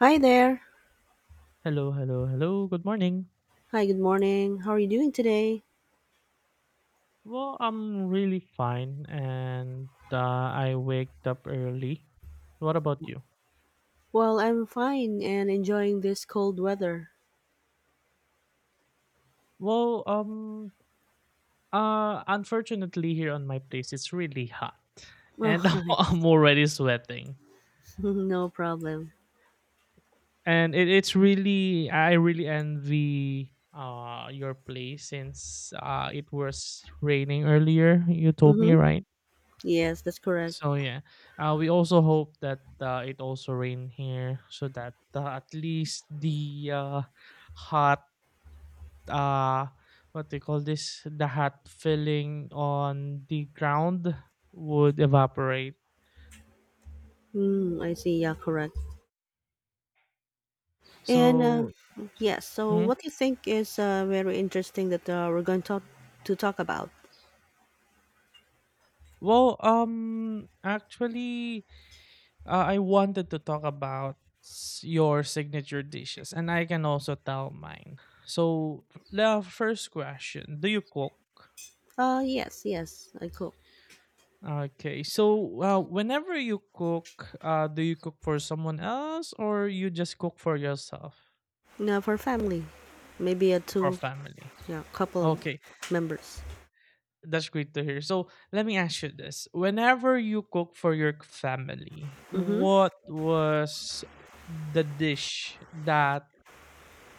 Hi there. Hello, hello, hello. Good morning. Hi, good morning. How are you doing today? Well, I'm really fine and I waked up early. What about you? Well, I'm fine and enjoying this cold weather. Well, unfortunately here on my place it's really hot and Oh, I'm it's- already sweating. no problem. And it, it's really I really envy your place since it was raining earlier. You told me, Mm-hmm. right? Yes, that's correct. So yeah, we also hope that it also rain here so that at least the hot uh, what they call this the hot filling on the ground would evaporate. Mm, I see. Yeah, correct. And So. yes, so Mhm. what do you think is very interesting that we're going to talk about? Well, actually, I wanted to talk about your signature dishes, and I can also tell mine. So the first question: Do you cook? Yes, yes, I cook. Okay. So, whenever you cook, do you cook for someone else or you just cook for yourself, Now for family, maybe a for two, family? yeah, couple of Okay, members. that's great to hear. So, let me ask you this. Whenever you cook for your family, Mm-hmm. what was the dish that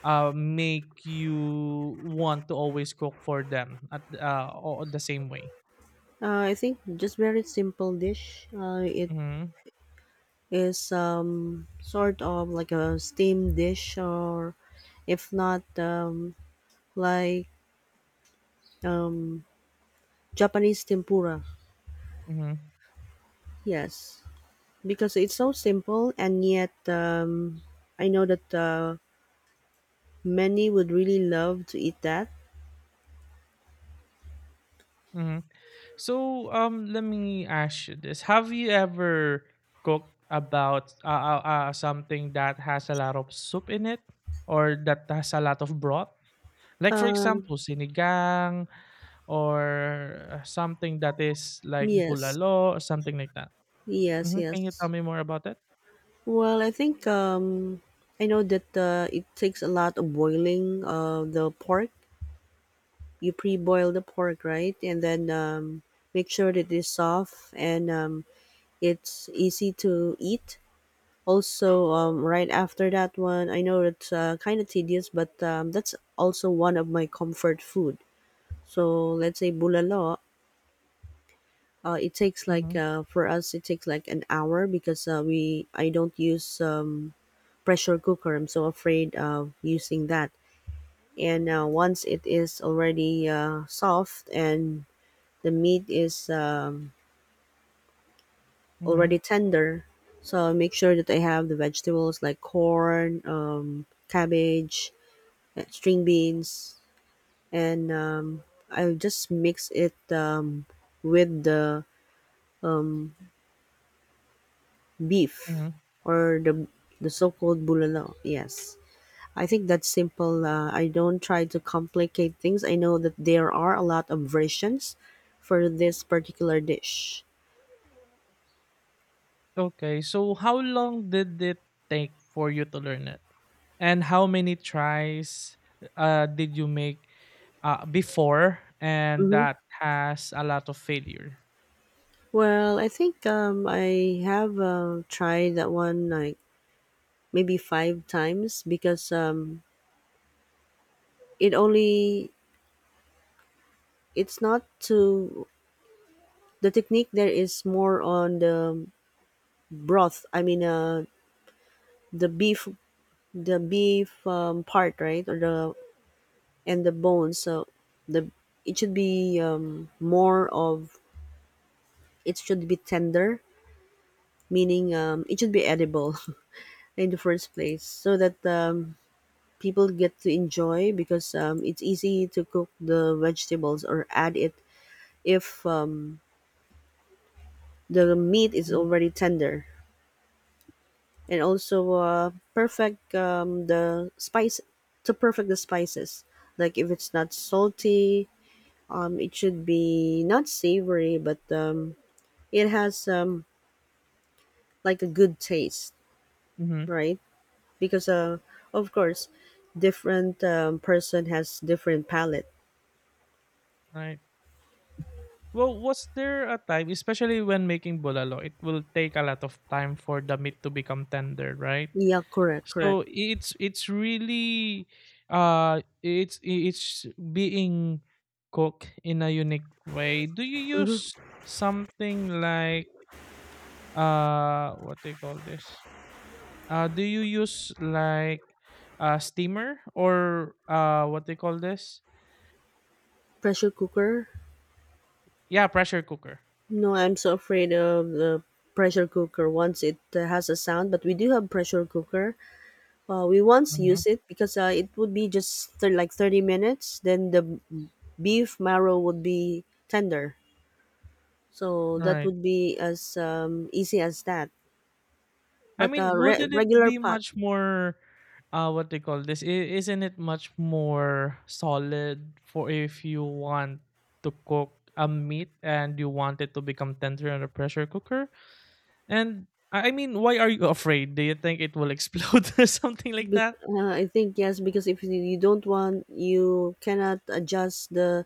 make you want to always cook for them at all the same way? I think just very simple dish. It Mm-hmm. is sort of like a steamed dish, or if not, like um, Japanese tempura. Mm-hmm. Yes, because it's so simple, and yet I know that many would really love to eat that. Hmm. So, let me ask you this: Have you ever cooked about something that has a lot of soup in it, or that has a lot of broth? Like, for Um, example, sinigang, or something that is like yes, bulalo, or something like that. yes, Hmm. Can you tell yes. me more about it? Well, I think I know that it takes a lot of boiling the pork you pre-boil the pork, right? And then make sure that it's soft and it's easy to eat. Also, right after that one, I know it's kind of tedious, but that's also one of my comfort food. So let's say bulalo, it takes like Mm-hmm. For us it takes like an hour because we I don't use pressure cooker. I'm so afraid of using that. And once it is already soft and the meat is Mm-hmm. already tender. So I make sure that I have the vegetables like corn, cabbage, string beans, and I just mix it with the beef Mm-hmm. or the so-called bulalo. Yes, I think that's simple. I don't try to complicate things. I know that there are a lot of versions for this particular dish. Okay, so how long did it take for you to learn it? And how many tries did you make before and Mhm. that has a lot of failure. Well, I think I have tried that one like maybe five times, because it only it's not to, the technique there is more on the broth. I mean, the beef, part, right, or the and the bones. So the it should be more of it should be tender, meaning it should be edible in the first place, so that people get to enjoy because it's easy to cook the vegetables or add it if the meat is Mhm. already tender, and also perfect the spice to perfect the spices, like if it's not salty, it should be not savory, but it has like a good taste, Mhm. right? Because of course different person has different palate. Right. Well, was there a time, especially when making bulalo, it will take a lot of time for the meat to become tender, right? Yeah, correct, correct. So it's really, it's being cooked in a unique way. Do you Mhm. use something like what do you call this? Do you use like a steamer or what they call this? Pressure cooker? Yeah, pressure cooker. No, I'm so afraid of the pressure cooker once it has a sound. But we do have pressure cooker. We once Mm-hmm. used it because it would be just like 30 minutes. Then the beef marrow would be tender. So All that right. would be as easy as that. I But mean, wouldn't it regular be pot. much more, what they call this? Isn't it much more solid for if you want to cook a meat and you want it to become tender in a pressure cooker? And I mean, why are you afraid? Do you think it will explode or something like that? I think yes, because if you don't want, you cannot adjust the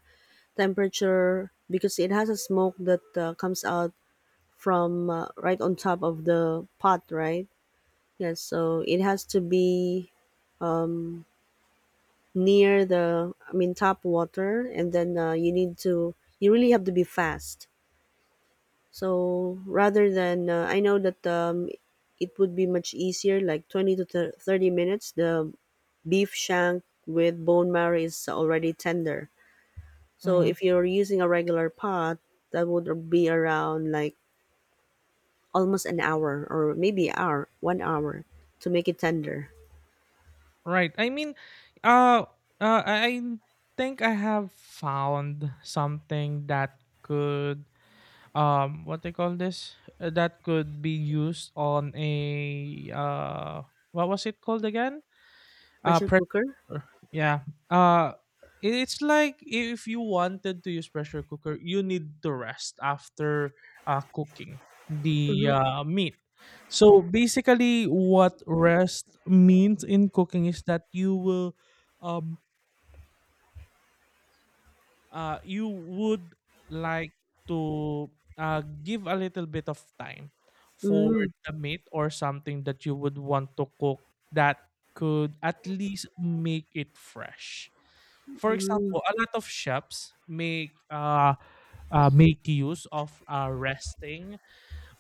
temperature because it has a smoke that comes out from right on top of the pot, right? Yes, so it has to be near the, I mean, top water, and then you need to, you really have to be fast. So rather than, I know that it would be much easier, like 20 to 30 minutes, the beef shank with bone marrow is already tender. So if you're using a regular pot, that would be around like almost an hour or maybe 1 hour to make it tender. Right. I mean, uh, I think I have found something that could, what they call this, that could be used on a, what was it called again? Pressure cooker? Pressure, yeah. uh it's like if you wanted to use pressure cooker you need to rest after cooking the Mhm. Meat. So basically what rest means in cooking is that um you would like to give a little bit of time for Mm. the meat or something that you would want to cook that could at least make it fresh. For Mm. example, a lot of chefs make make use of resting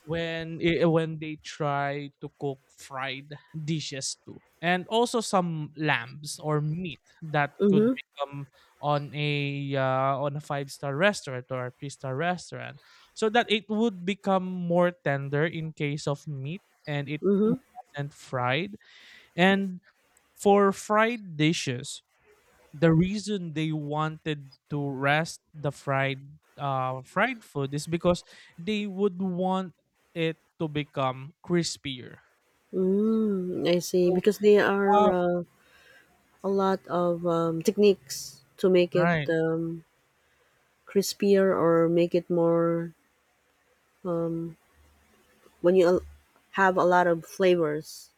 when when they try to cook fried dishes too, and also some lambs or meat that could Mhm. become on a, on a five-star restaurant or a three-star restaurant, so that it would become more tender in case of meat and it Mhm. wasn't fried. And for fried dishes the reason they wanted to rest the fried fried food is because they would want it to become crispier. Mm. I see, So, because there are, uh, a lot of, techniques to make it right, crispier, or make it more when you have a lot of flavors.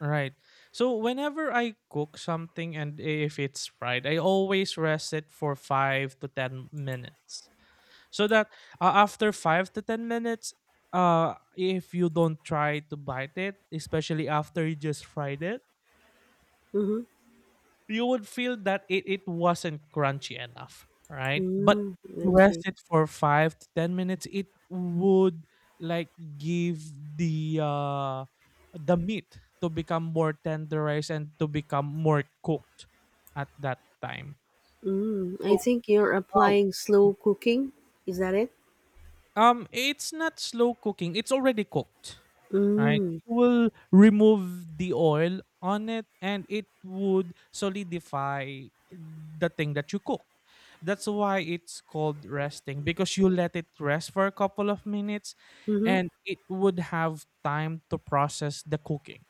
right. So whenever I cook something and if it's fried, I always rest it for 5 to 10 minutes. So that after 5 to 10 minutes if you don't try to bite it, especially after you just fried it, Mhm. you would feel that it wasn't crunchy enough, right? But Mm. I rest see. it for 5 to 10 minutes, it would like give the uh the meat to become more tenderized and to become more cooked at that time. Mm. I So, think you're uh, applying slow cooking. Is that it? It's not slow cooking, it's already cooked. Right? Mm. You will remove the oil on it and it would solidify the thing that you cook. That's why it's called resting because you let it rest for a couple of minutes Mhm. and it would have time to process the cooking.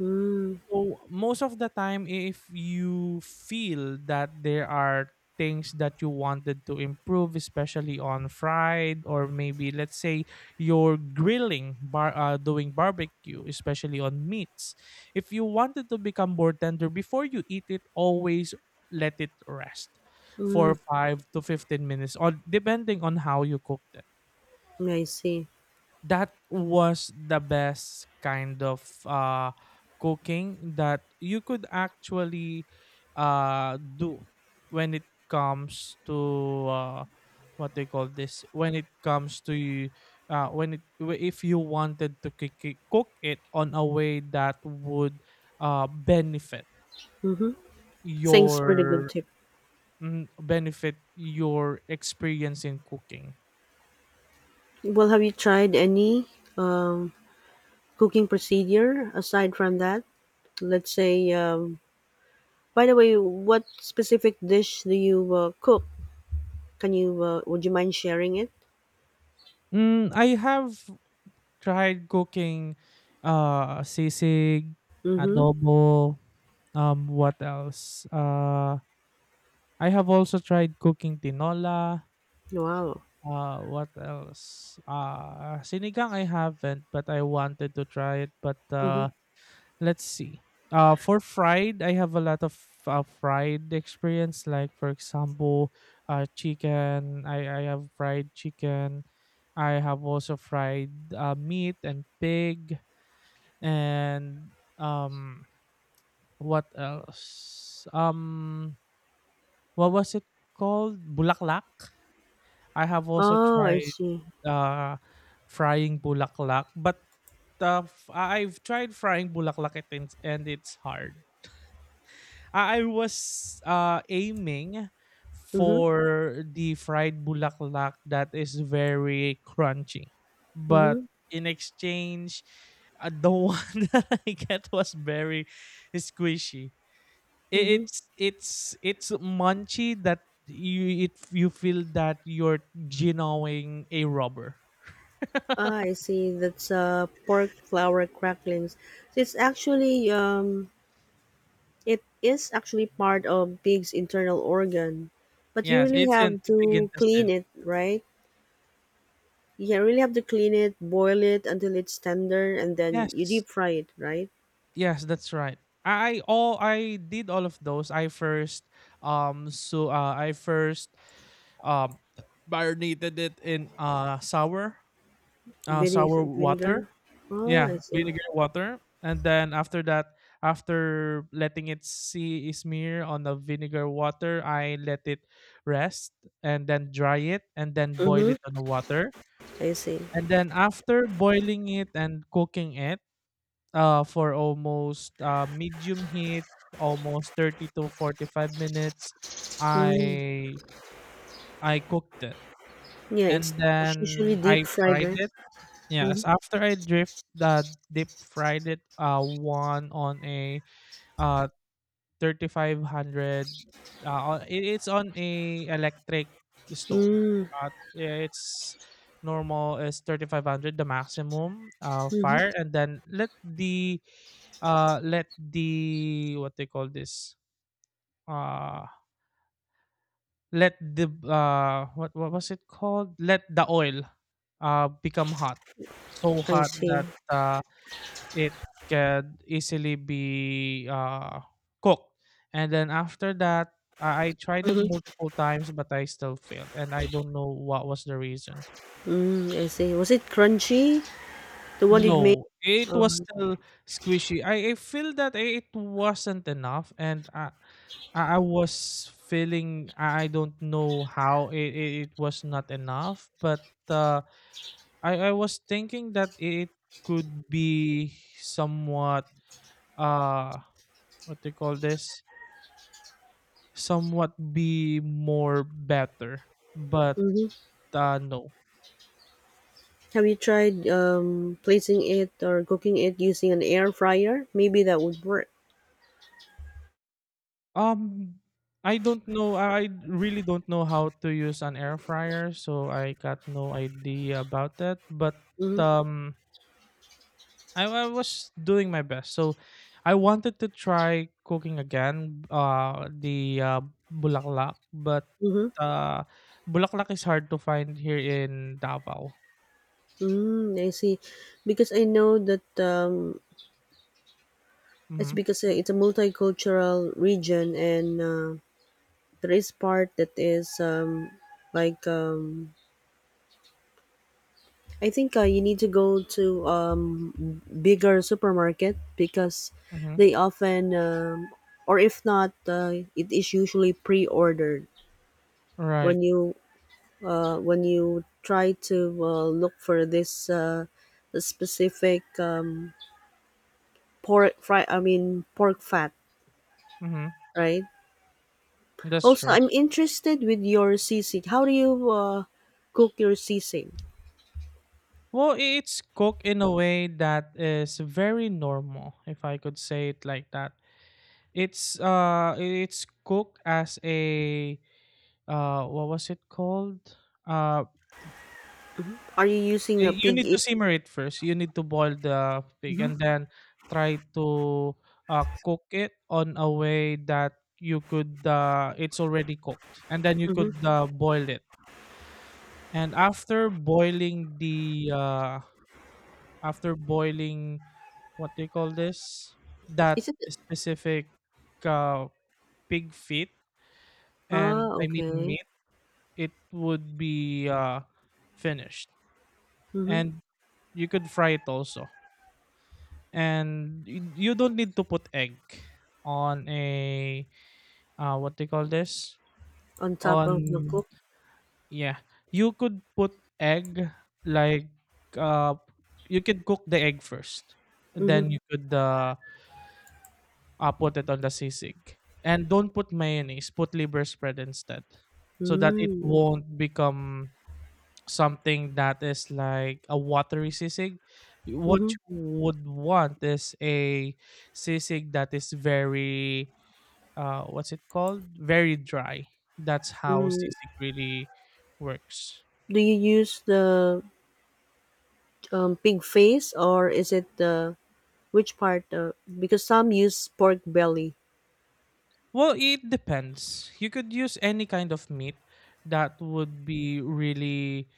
Mm. So most of the time, if you feel that there are things that you wanted to improve, especially on fried or maybe let's say you're grilling, bar doing barbecue, especially on meats. If you wanted to become more tender before you eat it, always let it rest for Mm. 5 to 15 minutes, or depending on how you cook them, I see. that was the best kind of cooking that you could actually do when it comes to, what they call this, when it comes to you, when it, if you wanted to cook it on a way that would uh benefit Mhm. Thanks for the good your tip. benefit your experience in cooking. Well, have you tried any um, cooking procedure aside from that? Let's say, by the way, what specific dish do you cook? Can you, would you mind sharing it? I have tried cooking sisig, Mm-hmm. adobo, what else? I have also tried cooking tinola. Wow. What else? Sinigang I haven't, but I wanted to try it, but Mm-hmm. Let's see. For fried, I have a lot of fried experience, like for example, chicken. I have fried chicken. I have also fried meat and pig. And what else? What was it called? Bulaklak. I have also Oh, I tried see. uh frying bulaklak, but I've tried frying bulaklak and it's hard. I was aiming Mm-hmm. for the fried bulaklak that is very crunchy. But Mm-hmm. in exchange, the one that I get was very squishy. I- Mm-hmm. it's it's it's munchy that you feel that you're genoing a rubber. Ah, I see. That's pork flour cracklings. So it's actually it is actually part of pig's internal organ, but you Yes, really it's an have big to clean intestine. it, right? You really have to clean it, boil it until it's tender, and then you Yes, deep fry it, right? yes, that's right. I all I did all of those. I first, um so uh, I first um marinated it in sour Vinegar. water. Oh, Yeah, I see. vinegar water, and then after that, after letting it see smear on the vinegar water, I let it rest and then dry it and then boil Mm-hmm. it on the water. I see. And then after boiling it and cooking it for almost, medium heat, almost 30 to 45 minutes, Mm. I I cooked it. Yeah, it's, And it's then usually deep I fried, fried right? it. Mm-hmm. Yes, after I drift deep fried it one on a uh 3,500, it's on a electric stove. Mm. Yeah, it's normal is 3,500 the maximum Mm-hmm. fire, and then let the what they call this uh let the what was it called, let the oil become hot, so I hot see. that it can easily be cooked. And then after that, I tried it Mm-hmm. multiple times, but I still failed. And I don't know what was the reason. Mm, I see. Was it crunchy? The one you made? No, it Um, was still squishy. I feel that it wasn't enough, and I was feeling, I don't know how it was not enough, but I was thinking that it could be somewhat, uh what do you call this, somewhat be more better, but hmm. No. Have you tried placing it or cooking it using an air fryer? Maybe that would work. um I don't know, I really don't know how to use an air fryer, so I got no idea about that, but Mm-hmm. um I was doing my best, so I wanted to try cooking again the bulaklak, but Mm-hmm. uh bulaklak is hard to find here in Davao. Mm, I see. Because I know that it's Mm-hmm. because it's a multicultural region, and there is part that is like I think you need to go to bigger supermarket because Mm-hmm. they often, or if not, it is usually pre-ordered Right. when you when you try to look for this specific pork fry. I mean pork fat, Mm-hmm. right? That's Also, true. I'm interested with your sisig. How do you cook your sisig? Well, it's cooked in a way that is very normal, if I could say it like that. It's cooked as a, what was it called? Uh, Are you using a you pig need ear? to simmer it first. You need to boil the pig Mhm, and then try to cook it on a way that you could, it's already cooked, and then you mhm. could boil it. And after boiling, what do you call this, Is that it? specific, uh, pig feet, Ah, and I mean okay. meat, it would be finished. Mhm. And you could fry it also, and you don't need to put egg on a, what do you call this, On top of the on cook. yeah, you could put egg, like uh you can cook the egg first, Mhm. then you could put it on the sisig. And don't put mayonnaise, put liver spread instead. So that it Mm. won't become something that is like a watery sisig. What Mhm. you would want is a sisig that is very, what's it called? Very dry. That's how Mm. sisig really works. Do you use the pig face, or is it the which part? Because some use pork belly. Well, it depends. You could use any kind of meat that would be really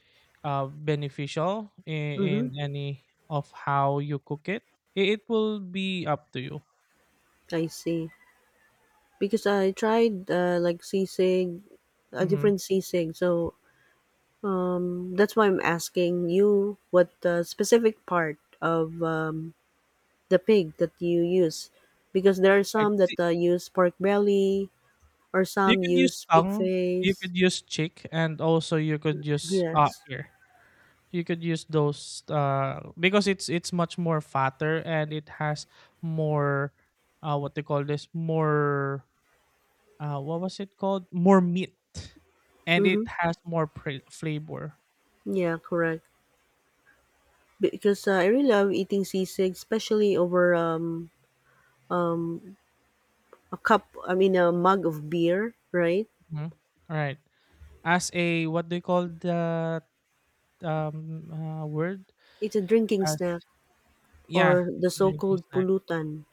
beneficial Mm-hmm. in, any of how you cook it. It will be up to you. I see. Because I tried like sisig, a Hmm. different sisig. So, that's why I'm asking you what the specific part of the pig that you use, because there are Right. some that See, use pork belly, or you some could use use pig tongue, you face. could use cheek, and also you could use Yes. ear. You could use those, because it's much more fatter and it has more, what they call this, more, what was it called? More meat, and Mm-hmm. it has more flavor. Yeah, correct. Because I really love eating sisig, especially over a cup, I mean, a mug of beer, right? Mhm. All right. As a what do you call the word? It's a drinking As snack yeah, or it's the a so drinking called snack. pulutan.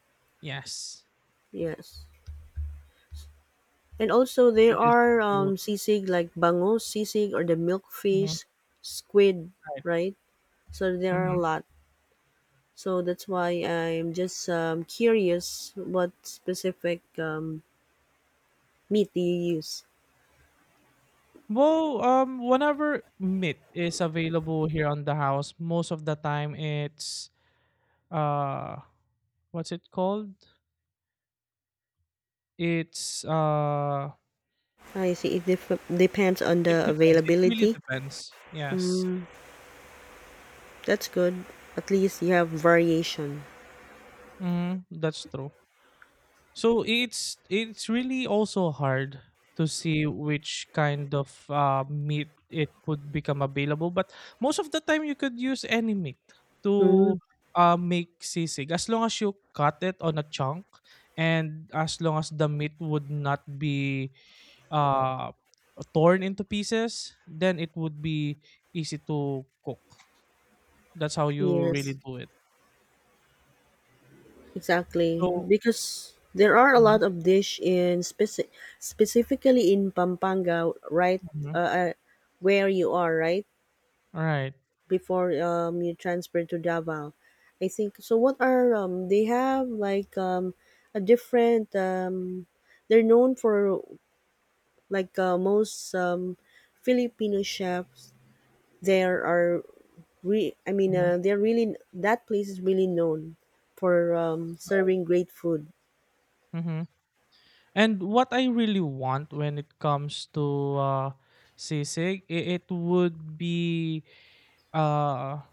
Yes, Yes. And also you there could use it to are pollute. sisig like bangus sisig or the Mhm. milkfish squid, Right. right? So there are a Hmm. lot. So that's why I'm just curious what specific meat do you use? Well, whenever meat is available here on the house, most of the time it's uh, what's it called? It's uh, I see. It depends on It the depends. It really availability. depends. Yes. Mm, that's good. At least you have variation. Mhm, that's true. So it's really also hard to see which kind of meat it would become available, but most of the time you could use any meat to Mm, make sisig as long as you cut it on a chunk and as long as the meat would not be uh, torn into pieces, then it would be easy to cook. That's how you really yes. do it. Exactly, So because there are a mhm, lot of dish in specifically in Pampanga, right? mhm. Uh, uh, where you are, right? Right. Before you transfer to Davao, I think. So what are they have like a different they're known for, like most Filipino chefs. There are re I mean Mhm. They're really that place is really known for Right. serving great food. Mhm. And what I really want when it comes to uh sisig, it would be uh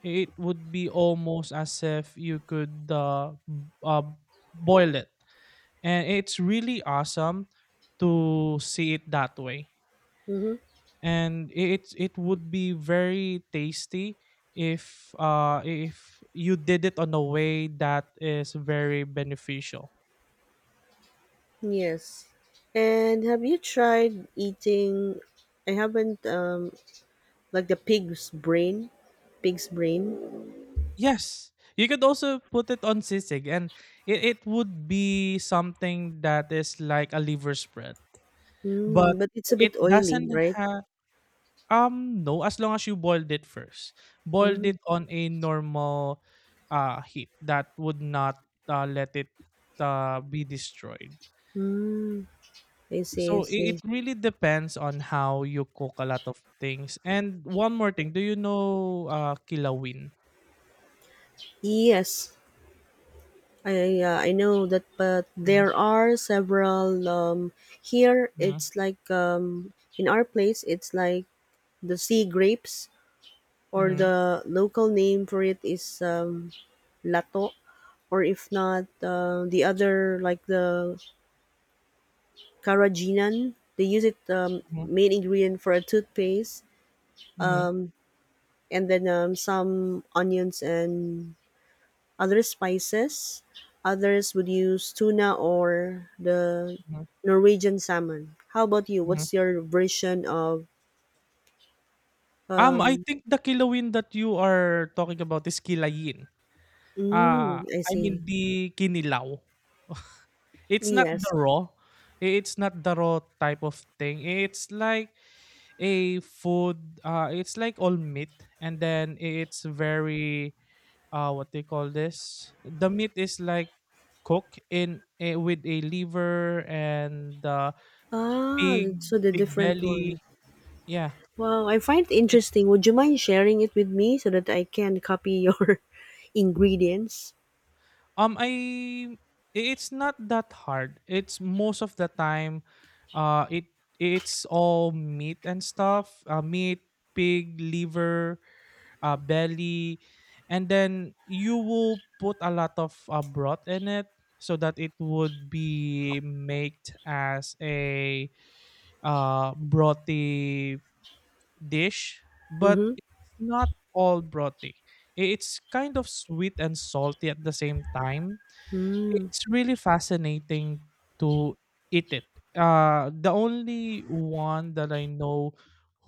it would be almost as if you could boil it. And it's really awesome to see it that way. Mm-hmm. And it would be very tasty if you did it on a way that is very beneficial. Yes. And have you tried eating? I haven't. Like the pig's brain, pig's brain. Yes, you could also put it on sisig, and it would be something that is like a liver spread, but Mm, but it's a it bit oily, doesn't right? have. No, as long as you boiled it first. Boiled it Mm, on a normal heat that would not let it be destroyed. mm, I So see. I it see. really depends on how you cook a lot of things. And one more thing, do you know kilawin? Yes, I know that, but Mhm, there are several here. mhm, It's like in our place, it's like the sea grapes, or mhm, the local name for it is lato. Or if not the other like the carrageenan, they use it mhm, main ingredient for a toothpaste, mhm, and then some onions and other spices. Others would use tuna or the mhm, Norwegian salmon. How about you? mhm. What's your version of I um think the kilawin that you are talking about is kilayin. Mm, I I see. mean the kinilaw. It's not the Yes. raw, it's not the raw type of thing. It's like a food it's like all meat, and then it's very what they call this? The meat is like cooked in a, with a liver and Ah, pig so the pig different one. belly. Yeah. Wow, I find it It's interesting. Would you mind sharing it with me so that I can copy your ingredients? I it's not that hard. It's most of the time, uh, it it's all meat and stuff. Meat, pig, liver, belly, and then you will put a lot of broth in it so that it would be made as a brothy dish. But Mm-hmm. it's not all brothy. It's kind of sweet and salty at the same time. Mm. It's really fascinating to eat it. The only one that I know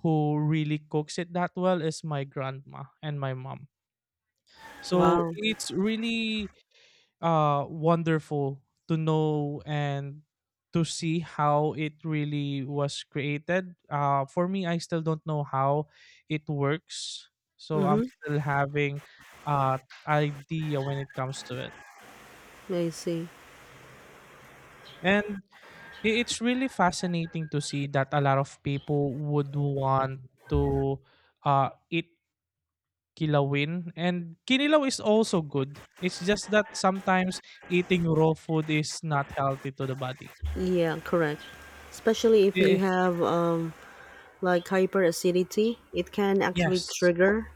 who really cooks it that well is my grandma and my mom. So Wow. it's really wonderful to know and to see how it really was created. For me, I still don't know how it works. So I'm Mm-hmm. still having uh idea when it comes to it. I see. And I it's really fascinating to see that a lot of people would want to eat kilawin. And kinilaw is also good. It's just that sometimes eating raw food is not healthy to the body. Yeah, correct. Especially if Eh, you eh, have like hyperacidity, it can actually yes. trigger.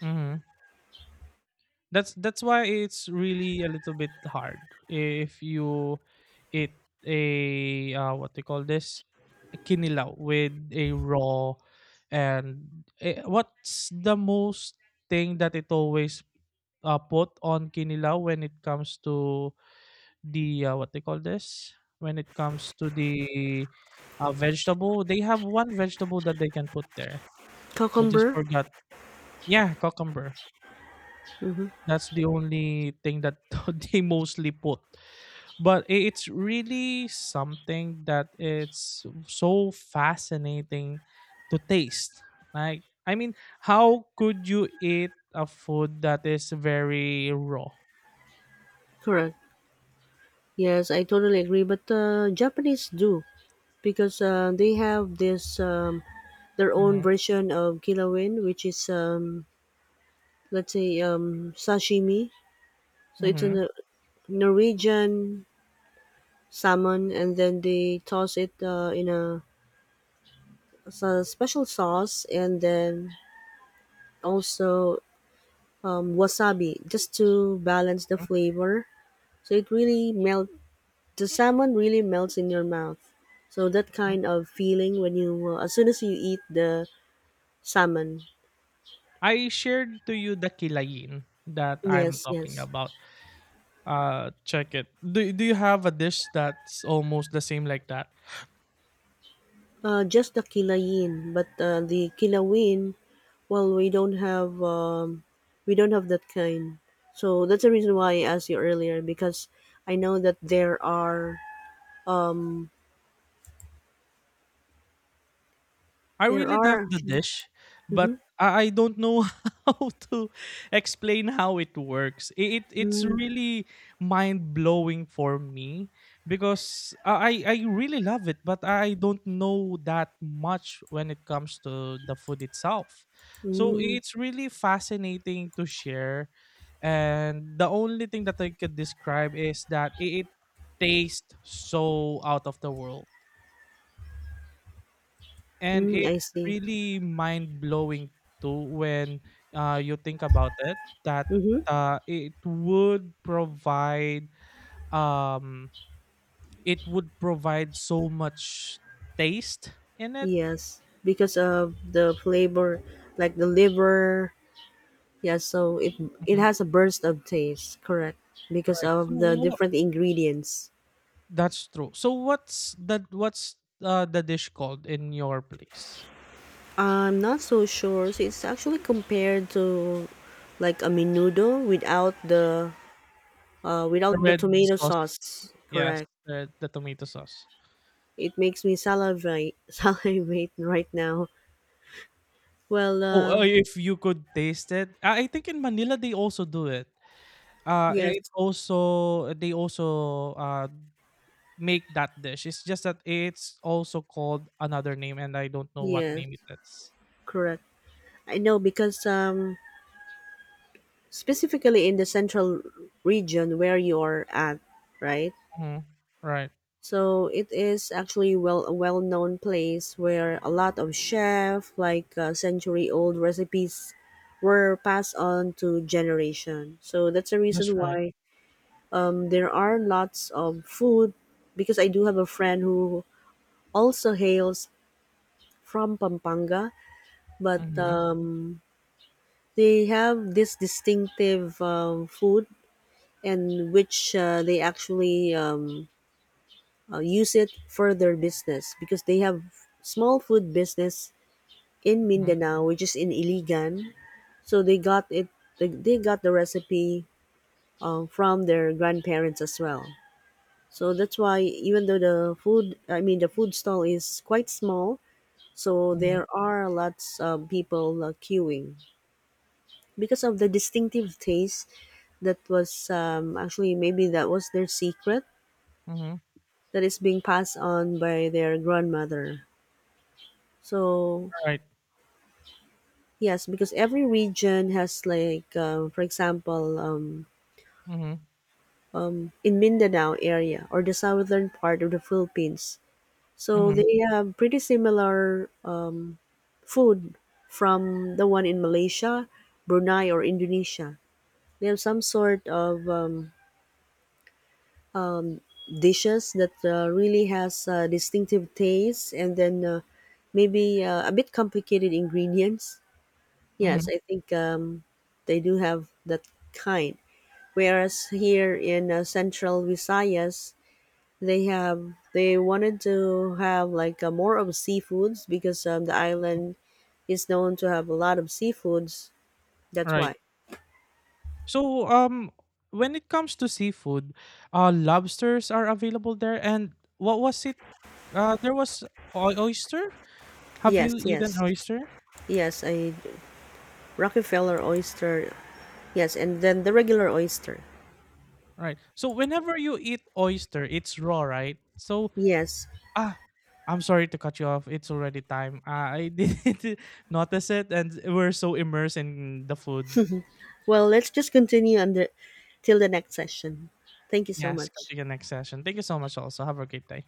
Mhm. That's why it's really a little bit hard if you eat a what they call this, a kinilaw with a raw, and eh, what's the most thing that it always put on kinilaw when it comes to the what they call this, when it comes to the vegetable, they have one vegetable that they can put there. I just Cucumber. forgot. Yeah, cucumber. Mm-hmm. That's the only thing that they mostly put. But it's really something that it's so fascinating to taste. Like, I mean, how could you eat a food that is very raw? Correct. Yes, I totally agree. But Japanese do, because they have this their own Mhm, version of kilawin, which is, let's say, sashimi. So it's a mhm, Norwegian salmon, and then they toss it in a, a special sauce, and then also wasabi, just to balance the mhm, flavor. So it really melt. The salmon really melts in your mouth. So that mhm. kind of feeling when you as soon as you eat the salmon. I shared to you the kilayin that I'm Yes, talking yes. about. Check it. Do you have a dish that's almost the same like that? Just the kilayin, but the kilawin. Well, we don't have that kind. So that's the reason why I asked you earlier, because I know that there are um, I there really love are. the dish, but Mm-hmm. I don't know how to explain how it works. It it's Mm, really mind blowing for me, because I really love it, but I don't know that much when it comes to the food itself. So mm, it's really fascinating to share, and the only thing that I could describe is that it tastes so out of the world, and mm, I it's see. really mind blowing too when you think about it, that Mm-hmm. it would provide um, it would provide so much taste in it. Yes, because of the flavor, like the liver. Yes, so it Mhm. has a burst of taste, correct? Because Right. So of the what? different ingredients. That's true. So what's that? What's the dish called in your place? I'm not so sure. So it's actually compared to like a menudo without the The without the red tomato sauce. sauce. Yes, Correct. The tomato sauce. It makes me salivate, salivate right now. Well, Oh, if you could taste it, I think in Manila they also do it. Yes, It also They also, make that dish. It's just that it's also called another name, and I don't know what yes, name it is. correct. I know because specifically in the central region where you're at, right? Mhm. Right. So it is actually well a well-known place where a lot of chef, like century-old recipes, were passed on to generation. So that's the That's reason right. why. There are lots of food because I do have a friend who also hails from Pampanga, but Mhm, they have this distinctive food, and which they actually use it for their business because they have small food business in mhm, Mindanao, which is in Iligan. So they got it. They got the recipe from their grandparents as well. So that's why, even though the food, I mean the food stall is quite small, so mhm, there are lots of people queuing because of the distinctive taste, that was actually maybe that was their secret mhm. that is being passed on by their grandmother. So Right. yes, because every region has, like, for example, Mhm, in Mindanao area or the southern part of the Philippines. So mhm, they have pretty similar food from the one in Malaysia, Brunei, or Indonesia. They have some sort of dishes that really has distinctive taste, and then maybe a bit complicated ingredients. Yes, mhm, I think they do have that kind. Whereas here in Central Visayas, they have they wanted to have, like more of seafoods, because the mhm. island is known to have a lot of seafoods. That's Right. why. So, when it comes to seafood, lobsters are available there, and what was it? There was oy oyster? Have Yes, you eaten yes. oyster? Yes, I Rockefeller oyster. Yes, and then the regular oyster. Right. So whenever you eat oyster, it's raw, right? So Yes. ah, I'm sorry to cut you off. It's already time. I didn't notice it, and we're so immersed in the food. Well, let's just continue on the till the next session. Thank you so Yes, much. continue next session. Thank you so much. Also, have a great day.